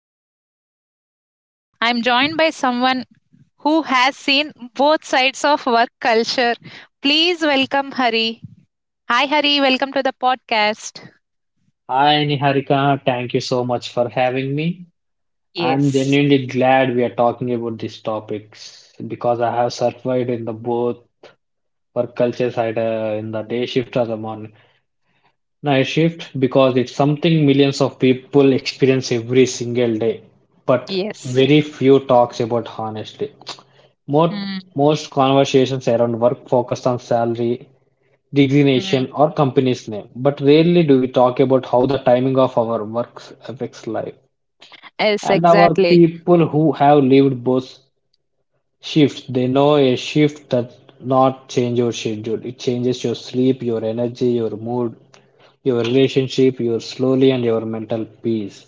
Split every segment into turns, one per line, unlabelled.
without any judgment, I'm joined by someone who has seen both sides of work culture. Please welcome Hari. Hi, Hari. Welcome to the podcast.
Hi Niharika, thank you so much for having me. I'm
Yes.
genuinely glad we are talking about these topics because I have survived in the both work cultures either in the day shift or the morning night shift because it's something millions of people experience every single day, but
Yes.
very few talks about honestly. Most
Mm.
most conversations around work focus on salary,
Mm.
designation or company's name, but rarely do we talk about how the timing of our works affects life.
Yes,
And our
exactly.
people who have lived both shifts, they know a shift that not change your schedule. It changes your sleep, your energy, your mood, your relationship, your slowly and your mental peace.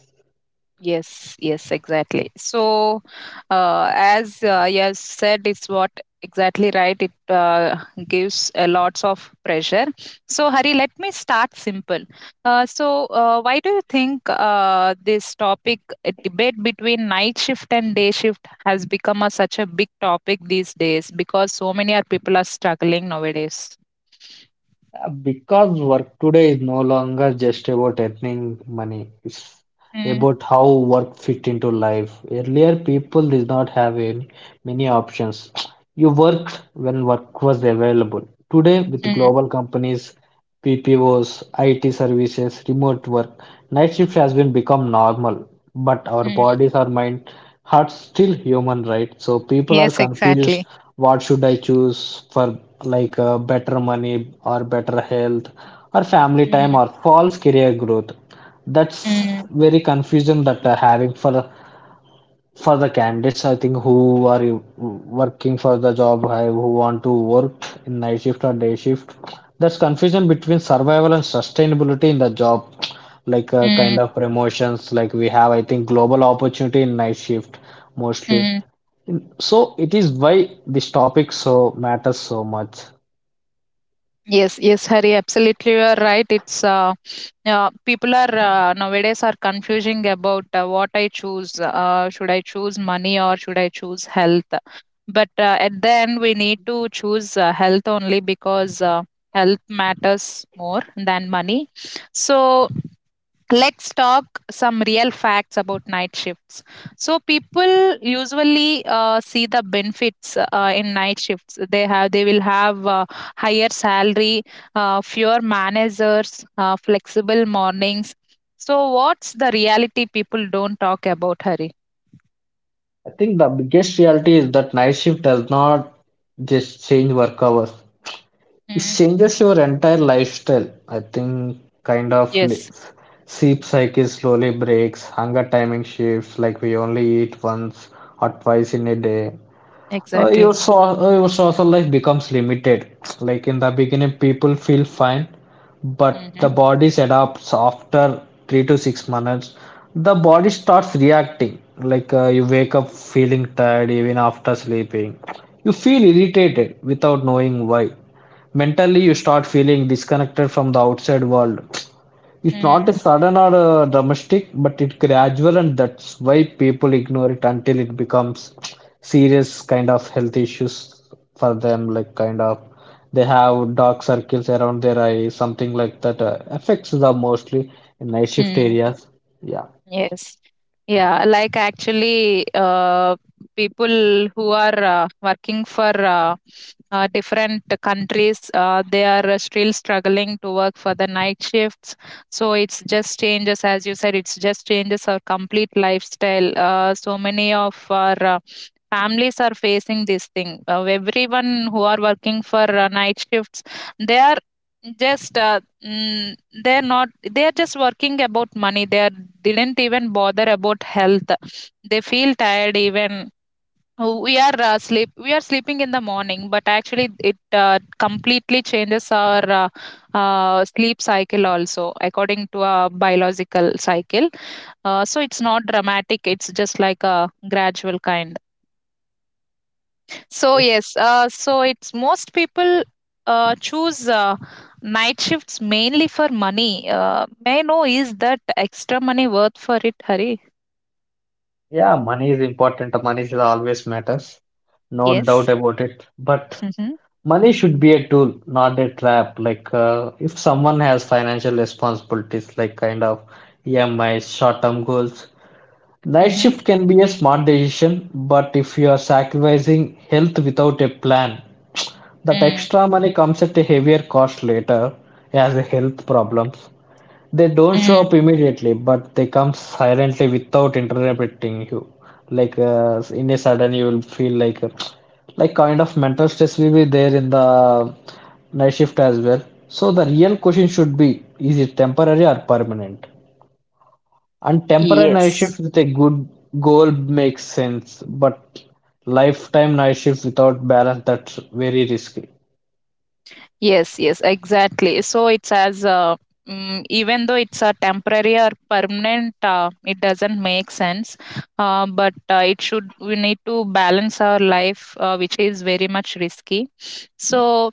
Yes, yes, exactly. So, as you have said, it's what exactly right. It gives a lots of pressure. So, Hari, let me start simple. Why do you think this topic, debate between night shift and day shift, has become such a big topic these days? Because so many are people are struggling nowadays.
Because work today is no longer just about earning money, it's
Mm.
about how work fit into life. Earlier, people did not have any, many options. You worked when work was available. Today, with
Mm.
global companies PPOs, IT services, remote work, night shift has been become normal, but our
Mm.
bodies, our mind, hearts still human, right? So people are
Yes,
confused.
exactly.
What should I choose for like better money or better health or family time
Mm.
or false career growth? That's
Mm.
very confusion that are having for the candidates I think who are working for the job who want to work in night shift or day shift, there's confusion between survival and sustainability in the job, like kind
Mm.
of promotions like we have I think global opportunity in night shift mostly.
Mm.
So it is why this topic so matters so much.
Yes, yes, Hari, absolutely, you are right. It's people are nowadays are confusing about what I choose. Should I choose money or should I choose health? But at the end, we need to choose health only because health matters more than money. So let's talk some real facts about night shifts. So people usually see the benefits in night shifts. They will have higher salary, fewer managers, flexible mornings. So what's the reality people don't talk about, hari?
I think the biggest reality is that night shift does not just change work hours. It
Mm.
changes your entire lifestyle. I think kind of
Yes,
sleep cycle slowly breaks, hunger timing shifts, like we only eat once or twice in a day.
exactly.
Your social life becomes limited. Like in the beginning, people feel fine, but
Mm-hmm.
the body adapts after 3 to 6 months. The body starts reacting. Like you wake up feeling tired even after sleeping. You feel irritated without knowing why. Mentally, you start feeling disconnected from the outside world. It's not a sudden or dramatic, but it's gradual, and that's why people ignore it until it becomes serious kind of health issues for them. Like kind of they have dark circles around their eyes, something like that affects them mostly in night shift areas. Yeah.
Yes. Yeah, like actually, people who are working for different countries, they are still struggling to work for the night shifts. So it's just changes, as you said, it's just changes our complete lifestyle. So many of our families are facing this thing. Everyone who are working for night shifts, they are just mm, they're not they're just working about money. They didn't even bother about health. They feel tired even. Oh, we are sleeping in the morning, but actually it completely changes our sleep cycle also, according to a biological cycle. So it's not dramatic, it's just like a gradual kind. So
Yes.
yes, it's most people choose night shifts mainly for money. May I know is that extra money worth for it, Hari?
Yeah, money is important. Money is always matters, no
Yes.
doubt about it. But
Mm-hmm.
money should be a tool, not a trap. Like, if someone has financial responsibilities, like kind of EMIs, short-term goals, night
Mm-hmm.
shift can be a smart decision. But if you are sacrificing health without a plan, that
Mm.
extra money comes at a heavier cost later as a health problems. They don't show
Mm.
up immediately, but they come silently without interrupting you. Like in a sudden, you will feel like kind of mental stress will be there in the night shift as well. So the real question should be: Is it temporary or permanent? And temporary night
Yes.
shift with a good goal makes sense, but lifetime night shift without balance, that's very risky.
Yes. Yes. Exactly. So it's even though it's a temporary or permanent, it doesn't make sense. But it should. We need to balance our life, which is very much risky. So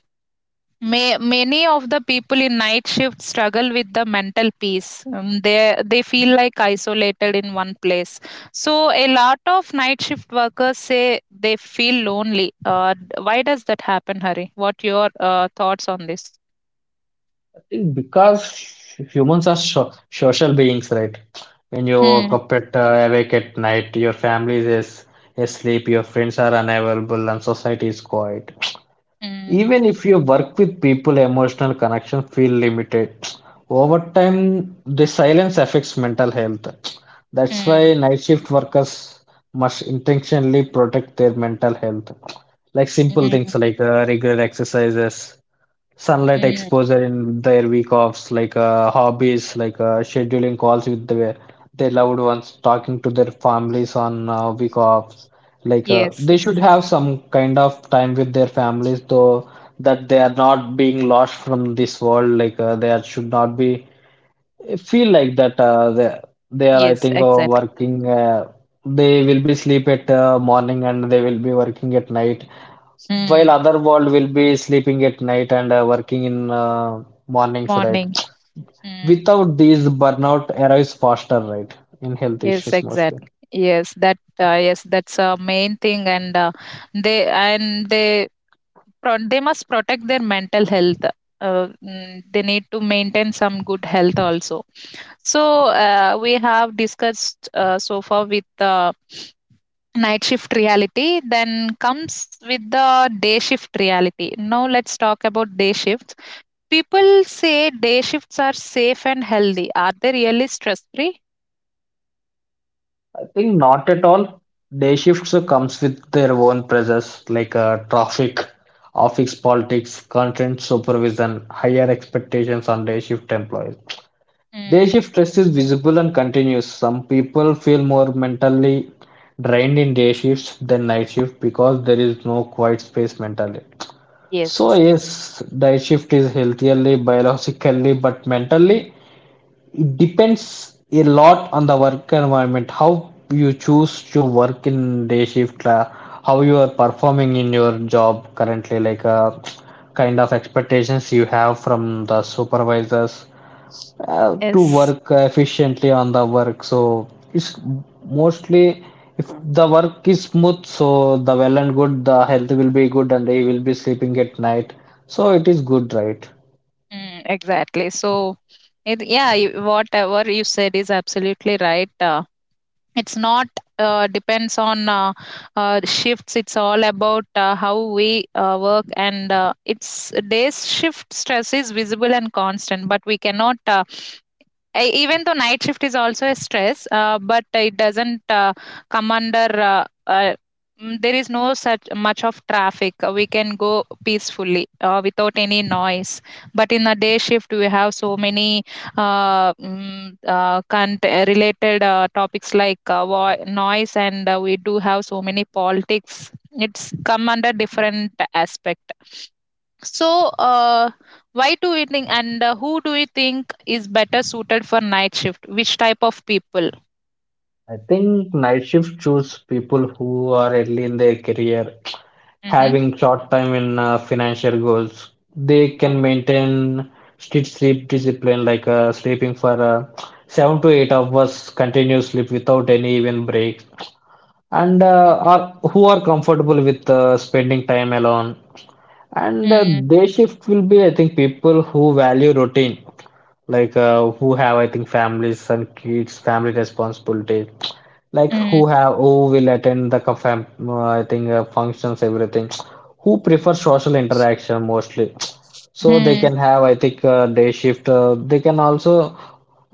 Many of the people in night shift struggle with the mental peace. They feel like isolated in one place. So a lot of night shift workers say they feel lonely. Why does that happen, Hari? What your thoughts on this?
Because humans are so social beings, right? When you wake
Hmm.
up at awake at night, your family is asleep, your friends are unavailable, and society is quiet.
Hmm.
Even if you work with people, emotional connection feel limited. Over time, the silence affects mental health. That's
Hmm.
why night shift workers must intentionally protect their mental health. Like simple things
Hmm.
like regular exercises, sunlight
Hmm.
exposure in their week offs, like hobbies, like scheduling calls with their loved ones, talking to their families on week offs. Like
Yes.
they should have some kind of time with their families, though that they are not being lost from this world. Like they are, should not be feel like that. They are, I
Yes.
think,
Exactly.
working. They will be sleep at morning and they will be working at night while
Hmm.
other world will be sleeping at night and working in mornings, right?
Morning. Hmm.
Without these, burnout arrives faster, right? In health
Yes.
issues mostly.
Exactly. Yes. That. Yes. That's a main thing, and they and they they must protect their mental health. They need to maintain some good health also. So we have discussed so far with the night shift reality. Then comes with the day shift reality. Now let's talk about day shifts. People say day shifts are safe and healthy. Are they really stress free?
I think not at all. Day shifts comes with their own pressures like traffic, office politics, content supervision, higher expectations on day shift employees. Day
Mm,
shift stress is visible and continuous. Some people feel more mentally drained in day shifts than night shift because there is no quiet space mentally. So
yes.
yes, diet shift is healthily, biologically, but mentally it depends a lot on the work environment. How you choose to work in day shift, how you are performing in your job currently, like kind of expectations you have from the supervisors, to
Yes.
work efficiently on the work. So it's mostly if the work is smooth, so the well and good, the health will be good, and he will be sleeping at night. So it is good, right?
Mm, exactly. So, yeah, whatever you said is absolutely right. It's not depends on shifts. It's all about how we work, and it's day's shift stress is visible and constant, but we cannot I even though night shift is also a stress, but it doesn't come under. There is no such much of traffic. We can go peacefully without any noise. But in a day shift, we have so many related topics like noise, and we do have so many politics. It's come under different aspect. So, why do we think and who do you think is better suited for night shift? Which type of people?
I think night shift choose people who are early in their career,
Mm-hmm.
having short time in financial goals. They
Oh.
can maintain strict sleep discipline, like sleeping for 7 to 8 hours continuous sleep without any even break, and
Mm-hmm.
are who are comfortable with spending time alone. And
Mm-hmm.
day shift will be, I think, people who value routine, like who have, I think, families and kids, family responsibility, like who have who will attend the co- fam I think functions, everything, who prefer social interaction mostly. So they
Mm-hmm.
can have, I think, day shift. They can also,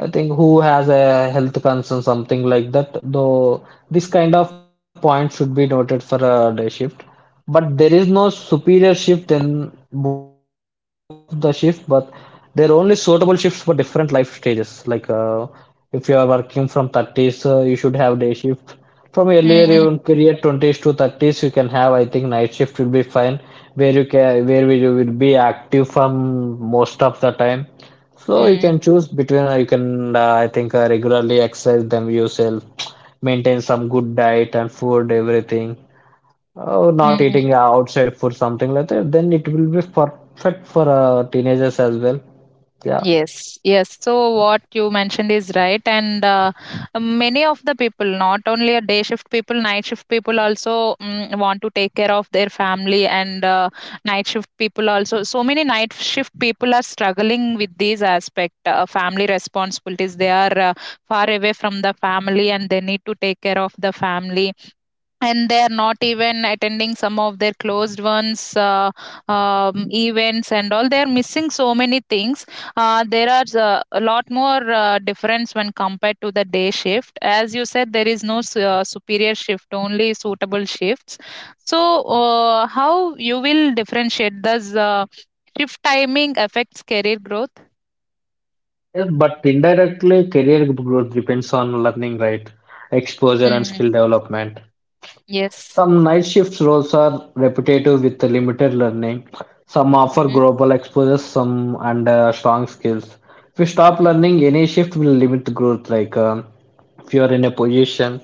I think, who has a health concern, something like that. Though this kind of point should be noted for a day shift. But there is no superior shift in both of the shift, but they're only suitable shifts for different life stages. Like if you are working from 30s, you should have day shift. From earlier
Mm-hmm.
your career, twenties to thirties, you can have. I think night shift will be fine, where you can where you will be active from most of the time. So you can choose between. You can I think regularly exercise them yourself, maintain some good diet and food, everything. Oh, not
Mm-hmm.
eating outside food, something like that. Then it will be perfect for teenagers as well. Yeah.
Yes, yes. So what you mentioned is right, and many of the people, not only a day shift people, night shift people also want to take care of their family, and night shift people also. So many night shift people are struggling with these aspect, family responsibilities. They are far away from the family, and they need to take care of the family, and they are not even attending some of their closed ones events, and all they are missing so many things. There are a lot more difference when compared to the day shift. As you said, there is no superior shift, only suitable shifts. So how you will differentiate? Does shift timing affects career growth?
Yes, but indirectly, career growth depends on learning, right? Exposure and
Mm.
skill development.
Yes.
Some night shift roles are repetitive with limited learning. Some offer
Hmm.
global exposure, some and strong skills. If you stop learning, any shift will limit growth. Like if you are in a position,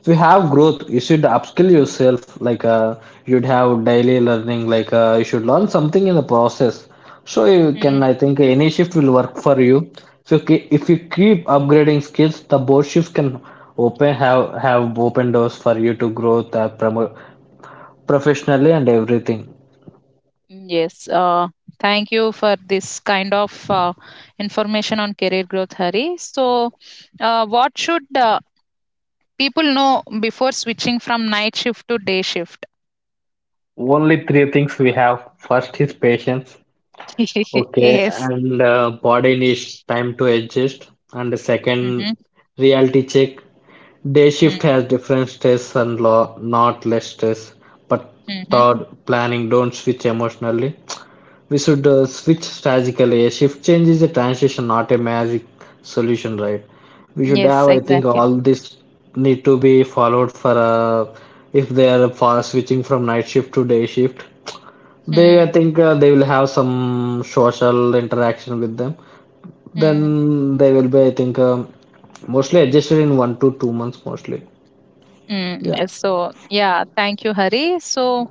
if you have growth, you should upskill yourself. Like you'd have daily learning. Like you should learn something in the process. So you can,
Hmm.
I think, any shift will work for you. So if you keep upgrading skills, the both shifts can open have open doors for you to grow promo professionally and everything.
Mm. Yes, thank you for this kind of information on career growth, Hari. So, what should people know before switching from night shift to day shift?
Only three things we have. First is patience. Okay,
Yes.
and body needs time to adjust. And the
Mm-hmm.
second, reality check. Day shift has different stress and law, not less stress. But
Mm-hmm.
third, planning. Don't switch emotionally. We should switch strategically. A shift change is a transition, not a magic solution, right? We should
Yes,
have, I think,
exactly.
all this need to be followed for if they are for switching from night shift to day shift. They, I
Mm.
think, they will have some social interaction with them.
Mm.
Then they will be, I think, mostly adjusted in 1 to 2 months, mostly.
Mm.
Yeah.
So, yeah, thank you, Hari. So,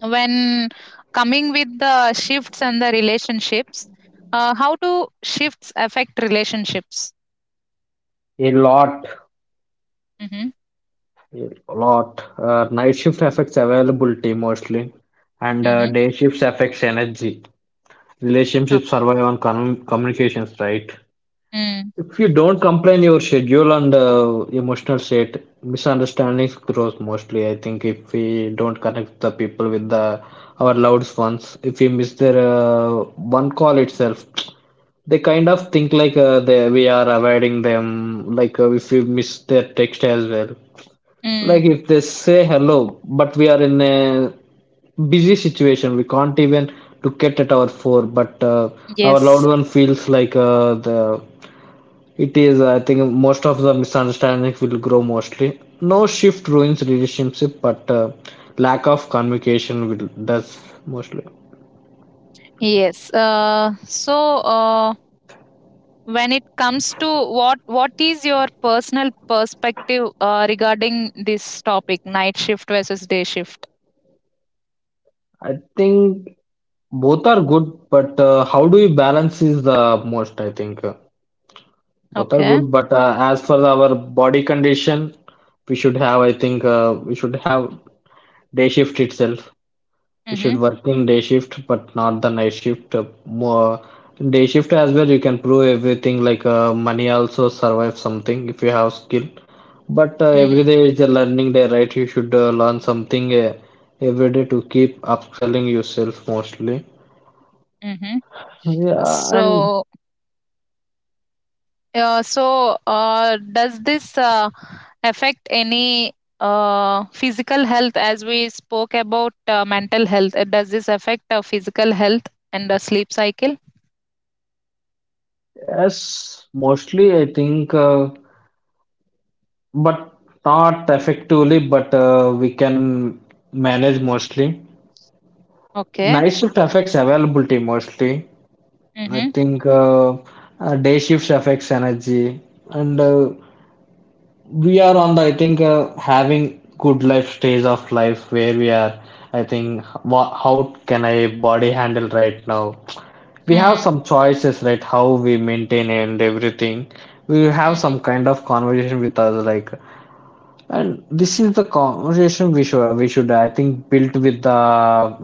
when coming with the shifts and the relationships, how do shifts affect relationships?
A lot,
Mm-hmm.
a lot. Night shift affects availability mostly, and
Mm-hmm.
day shifts affects energy.
Oh.
Relationships survive on communications, right?
Mm.
If you don't complain your schedule and emotional state, misunderstandings grows mostly. I think if we don't connect the people with the our loved ones, if we miss their one call itself, they kind of think like they we are avoiding them. Like if we miss their text as well,
Mm,
like if they say hello, but we are in a busy situation, we can't even look at our phone. But our loved
yes,
one feels like the it is. I think most of the misunderstandings will grow mostly. No shift ruins relationship, but lack of communication will does mostly.
yes. When it comes to what is your personal perspective regarding this topic, night shift versus day shift?
I think both are good, but how do you balance is the most. I think. Both are
Okay.
good, but as for our body condition, we should have, I think, we should have day shift itself. We
Mm-hmm.
should work in day shift, but not the night shift. More day shift as well, you can prove everything. Like money also survive something if you have skill. But every
Mm-hmm.
day is a learning day, right? You should learn something every day to keep upselling yourself mostly.
Mm-hmm.
Yeah, and
So, so, does this affect any physical health? As we spoke about mental health, does this affect physical health and the sleep cycle?
as mostly, I think. But not effectively, but we can manage mostly.
Okay.
Night shift affects availability mostly. I
Mm-hmm.
think day shifts affects energy, and we are on the I think having good life stage of life where we are. I think how can I body handle right now? We have some choices, right? How we maintain and everything. We have some
Mm-hmm.
kind of conversation with us, like. And this is the conversation we should I think build with the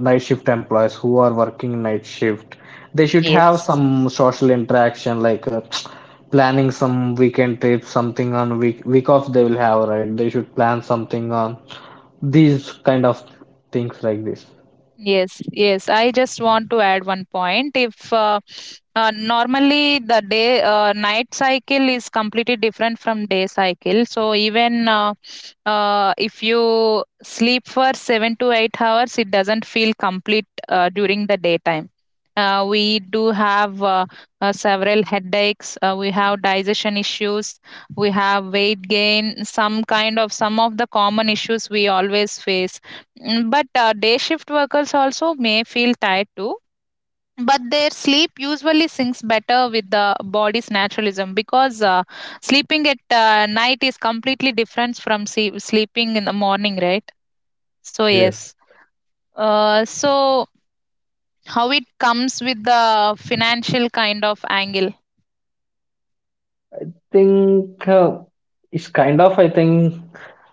night shift employees who are working night shift. They should have
Yes.
some social interaction like planning some weekend trips, something on week off they will have, right? They should plan something on these kind of things like this.
Yes, yes. I just want to add one point. If Normally the day night cycle is completely different from day cycle. So even if you sleep for 7 to 8 hours, it doesn't feel complete during the daytime. We do have several headaches. We have digestion issues. We have weight gain. Some of the common issues we always face. But day shift workers also may feel tired too. But their sleep usually syncs better with the body's naturalism, because sleeping at night is completely different from sleeping in the morning, right? So,
Yes.
yes. So, how it comes with the financial kind of angle?
Think it's kind of I think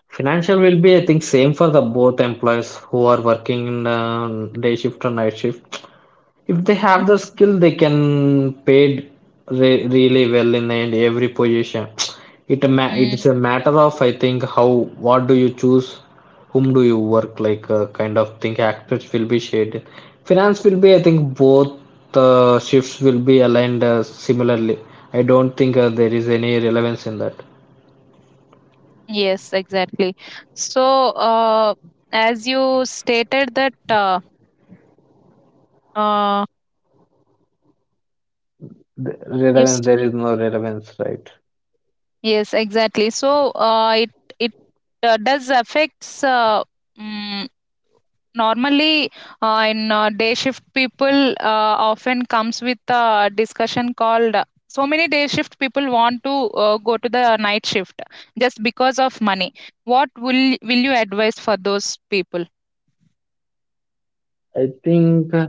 financial will be I think same for the both employees who are working in day shift or night shift. If they
Hmm.
have the skill, they can paid re really well in and every position. It's
Mm,
a matter of I think how what do you choose, whom do you work like kind of thing. Actors will be shaded. Finance will be I think both shifts will be aligned similarly. I don't think there is any relevance in that.
yes, exactly. So, as you stated that uh, you st-
There is no relevance, right?
yes, exactly. So, it does affects mm, normally in day shift people often comes with a discussion called so many day shift people want to go to the night shift just because of money. What will you advise for those people?
I think.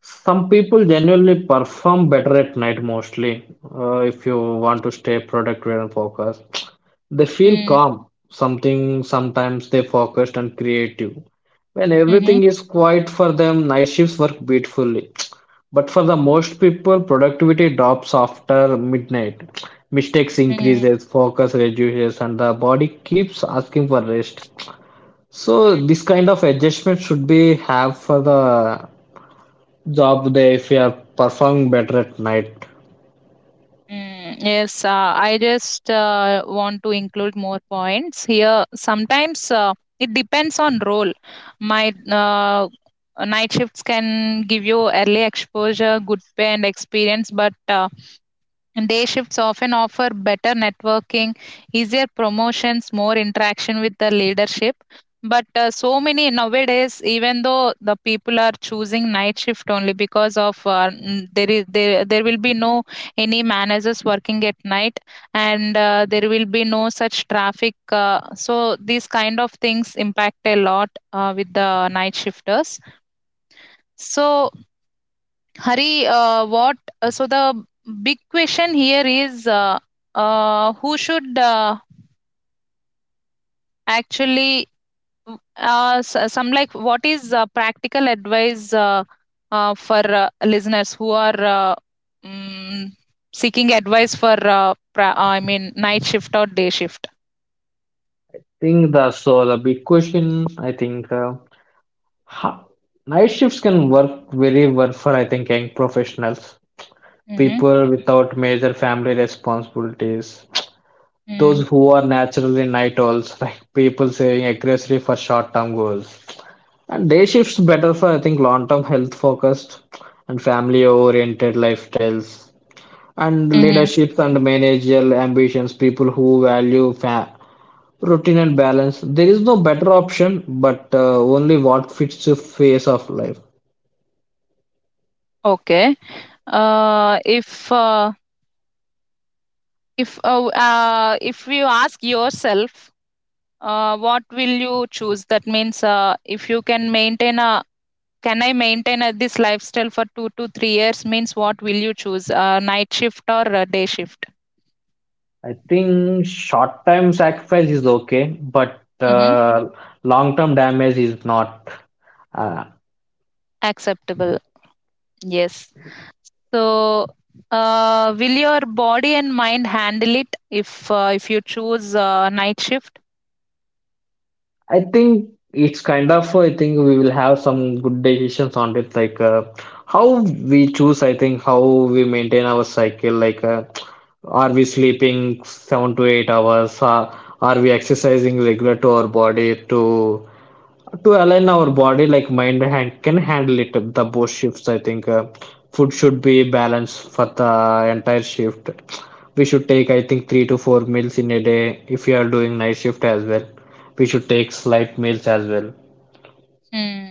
Some people genuinely perform better at night mostly. If you want to stay productive and focused, they feel
Mm.
calm. Something Sometimes they focused and creative. When
Mm-hmm.
everything is quiet for them, night shifts work beautifully. But for the most people, productivity drops after midnight. Mistakes
Mm-hmm. Mm-hmm.
increases, focus reduces, and the body keeps asking for rest. So this kind of adjustment should be have for the job day if you are performing better at night.
Mm, yes, I just want to include more points here. Sometimes it depends on role. My night shifts can give you early exposure, good pay, and experience, but and day shifts often offer better networking, easier promotions, more interaction with the leadership. But so many nowadays, even though the people are choosing night shift only because of n- there is there there will be no any managers working at night, and there will be no such traffic. So these kind of things impact a lot with the night shifters. So Hari, what? So the big question here is, who should actually? S- some like What is practical advice for listeners who are mm, seeking advice for I mean night shift or day shift.
Think that's so the big question I think ha- night shifts can work very well for I think young professionals,
Mm-hmm.
people without major family responsibilities, those who are naturally night owls, like people saying aggressively for short term goals. And day shifts better for I think long term health focused and family oriented lifestyles and
Mm-hmm.
leaderships and managerial ambitions people who value routine and balance. There is no better option but only what fits the phase of life.
Okay. Uh, if uh, if you ask yourself what will you choose, that means if you can maintain a can I maintain this lifestyle for 2 to 3 years, means what will you choose, night shift or day shift?
I think short term sacrifice is okay, but
Hmm.
long term damage is not. uh,
Acceptable. Yes. So will your body and mind handle it if if you choose night shift?
I think it's kind of I think we will have some good decisions on it like how we choose I think how we maintain our cycle like are we sleeping 7 to 8 hours? Are we exercising regular to our body to align our body like mind hand can handle it, the both shifts I think food should be balanced for the entire shift. We should take I think 3 to 4 meals in a day. If you are doing night shift as well, we should take slight meals as well.
Hmm.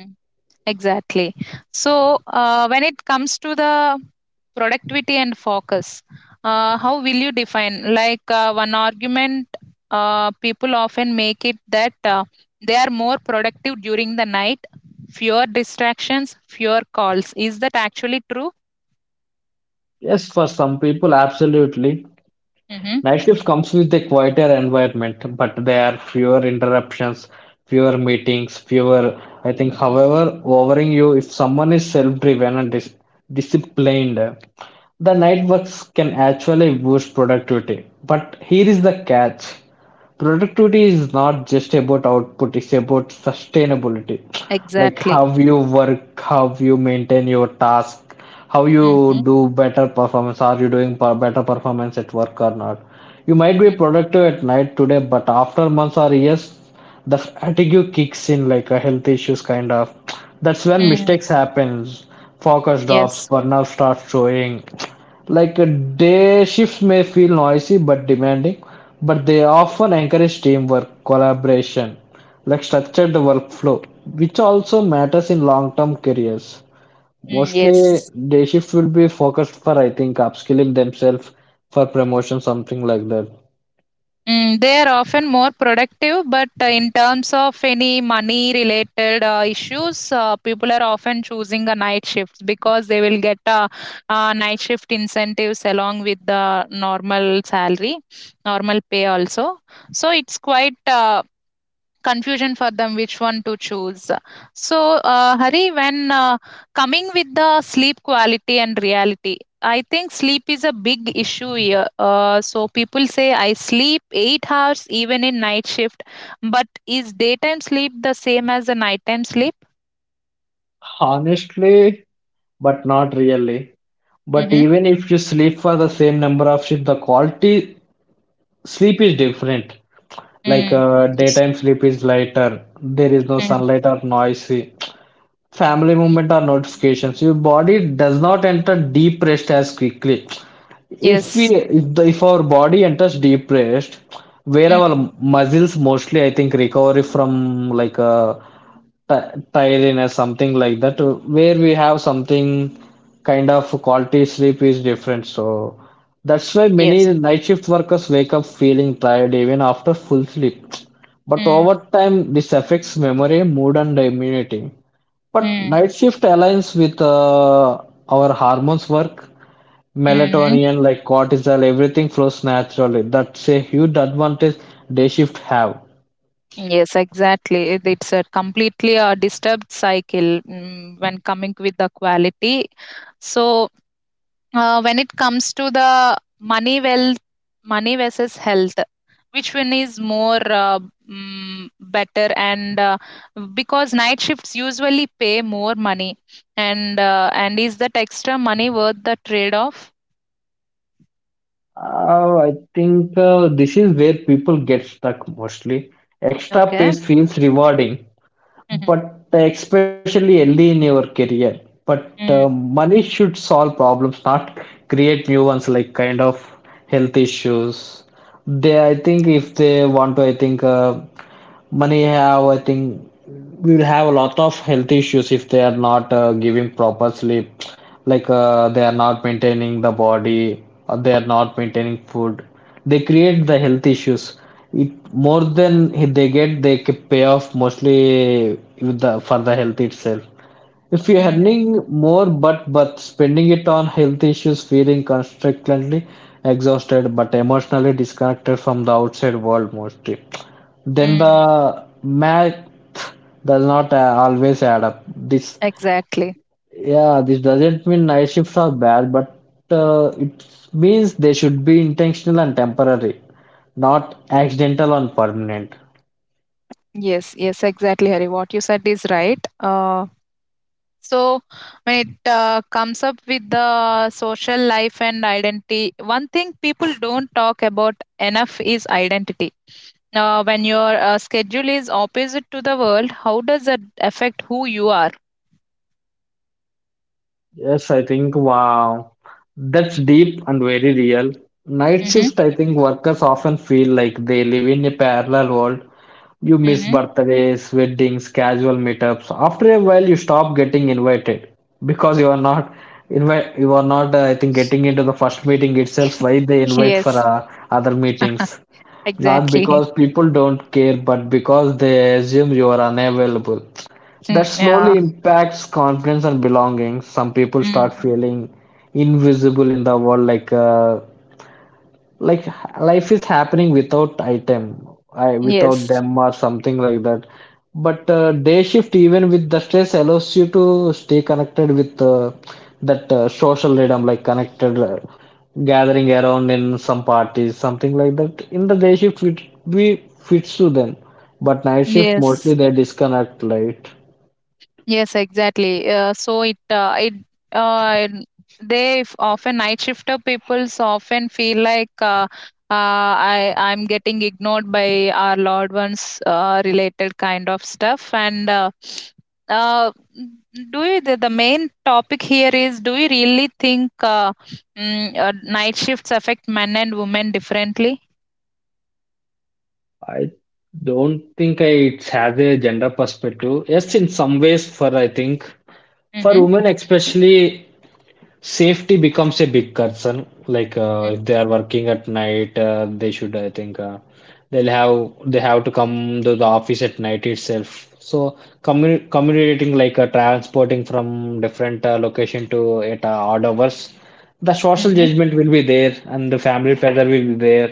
Exactly. So, when it comes to the productivity and focus, how will you define? Like one argument people often make it that they are more productive during the night, fewer distractions, fewer calls. Is that actually true?
Yes, for some people absolutely
Mm-hmm.
night shift comes with a quieter environment, but there are fewer interruptions, fewer meetings, fewer I think however overing you if someone is self driven and disciplined. The night works can actually boost productivity. But here is the catch. Productivity is not just about output, it's about sustainability. Like
Exactly.
how you work, how you maintain your task, how you
Mm-hmm.
do better performance. Are you doing better performance at work or not? You might be productive at night today, but after months or years, the fatigue kicks in like a health issues kind of. That's when
Mm.
mistakes happens, focus drops,
Yes.
burnout starts showing like a day shifts may feel noisy but demanding, but they often encourage teamwork, collaboration, like structured workflow which also matters in long-term careers.
Mm,
Mostly
yes.
day shift will be focused for I think upskilling themselves for promotion, something like that.
Mm, they are often more productive, but in terms of any money related issues, people are often choosing a night shift because they will get night shift incentives along with the normal salary, normal pay also. So it's quite confusion for them which one to choose. So hari, when coming with the sleep quality and reality, I think sleep is a big issue here. So people say I sleep 8 hours even in night shift, but is daytime sleep the same as the nighttime sleep?
Honestly, but not really. But
Mm-hmm.
even if you sleep for the same number of shifts, the quality sleep is different. Like
Mm. Yes.
daytime sleep is lighter, there is no
Mm.
sunlight or noisy family
Mm.
movement or notifications. Your body does not enter deep rest as quickly. If we
Yes.
if, the, if our body enters deep rest, where our
Mm.
muscles mostly I think recovery from like tied in as something like that, where we have something kind of quality sleep is different. So that's why many
Yes.
night shift workers wake up feeling tired even after full sleep, but over
Mm.
time this affects memory, mood and immunity. But
Mm.
night shift aligns with our hormones work,
Mm.
melatonin like cortisol, everything flows naturally. That's a huge advantage. Day shift have.
Yes, exactly. It's a completely a disturbed cycle, when coming with the quality. So when it comes to the money wealth, money versus health, which one is more better? And because night shifts usually pay more money, and is that extra money worth the trade off?
I think this is where people get stuck mostly. Extra
Okay.
pace feels rewarding,
Mm-hmm.
but especially early in your career. But money should solve problems, not create new ones like kind of health issues. They, I think, if they want to, I think money have, I think we will have a lot of health issues if they are not giving proper sleep, like they are not maintaining the body, or they are not maintaining food. They create the health issues. It more than they get, they pay off mostly with the, for the health itself. If you're
Mm-hmm.
earning more but spending it on health issues, feeling constantly exhausted but emotionally disconnected from the outside world mostly, then the math does not always add up. This
Exactly.
Yeah, this doesn't mean night shifts are bad, but it means they should be intentional and temporary, not accidental and permanent.
Yes, yes, exactly, Harry. What you said is right. So when it comes up with the social life and identity, one thing people don't talk about enough is identity. Now, when your schedule is opposite to the world, how does that affect who you are?
Yes, I think wow, that's deep and very real. Night
Mm-hmm.
shift, I think workers often feel like they live in a parallel world. You miss
Mm-hmm.
birthdays, weddings, casual meetups. After a while, you stop getting invited because you are not invite. You are not, I think, getting into the first meeting itself. Why they invite for
Yes,
other meetings? Not
exactly.
because people don't care, but because they assume you are unavailable.
Mm,
That
yeah.
slowly impacts confidence and belonging. Some people start
Mm.
feeling invisible in the world, like life is happening without item, I, without
Yes.
them or something like that. But day shift, even with the stress, allows you to stay connected with that social rhythm, like connected, gathering around in some parties, something like that. In the day shift, we fits to them, but night shift mostly
Yes.
they disconnect, right?
Yes, exactly. Uh, Often night shifter peoples often feel like I'm getting ignored by our loved ones, related kind of stuff, and uh, the main topic here is do you really think night shifts affect men and women differently?
I don't think it's have a gender perspective. Yes, in some ways, for I think for
Mm-hmm.
women especially, safety becomes a big concern. Like
Mm-hmm.
if they are working at night, they should I think they have to come to the office at night itself. So communicating like transporting from different location to at odd hours, the social
Mm-hmm.
judgment will be there and the family pressure will be there,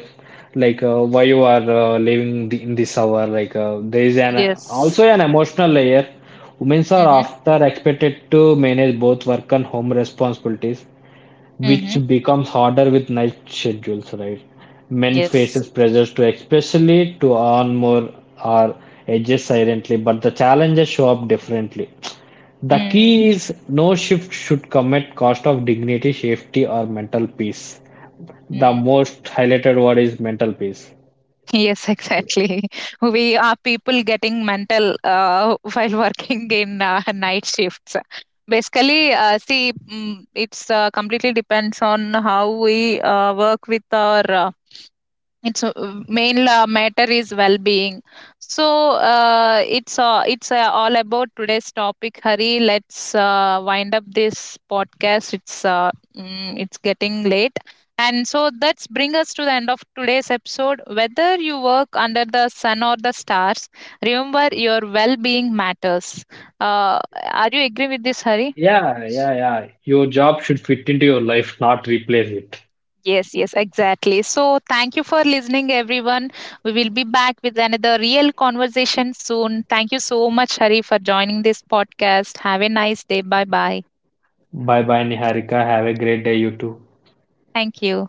like why you are living the, in this hour, like there is an also
Yes.
an emotional layer. Women are
Mm-hmm.
often expected to manage both work and home responsibilities
Mm-hmm.
which becomes harder with night schedules, right? Men
Yes.
faces pressures to especially to earn more or adjust silently, but the challenges show up differently. The
Mm-hmm.
key is no shift should come at cost of dignity, safety, or mental peace. The most highlighted word is mental peace.
Yes, exactly. We are people getting mental while working in night shifts. Basically, see, it's completely depends on how we work with our it's a main matter is well-being. So it's all about today's topic, hurry. Let's wind up this podcast. It's it's getting late. And so that's bring us to the end of today's episode. Whether you work under the sun or the stars, remember your well-being matters. uh, are you agree with this, hurry?
Yeah, yeah, yeah. Your job should fit into your life, not replace it.
Yes, yes, exactly. So, thank you for listening, everyone. We will be back with another real conversation soon. Thank you so much, Hari, for joining this podcast. Have a nice day. Bye bye.
Bye bye, Niharika. Have a great day, you too.
Thank you.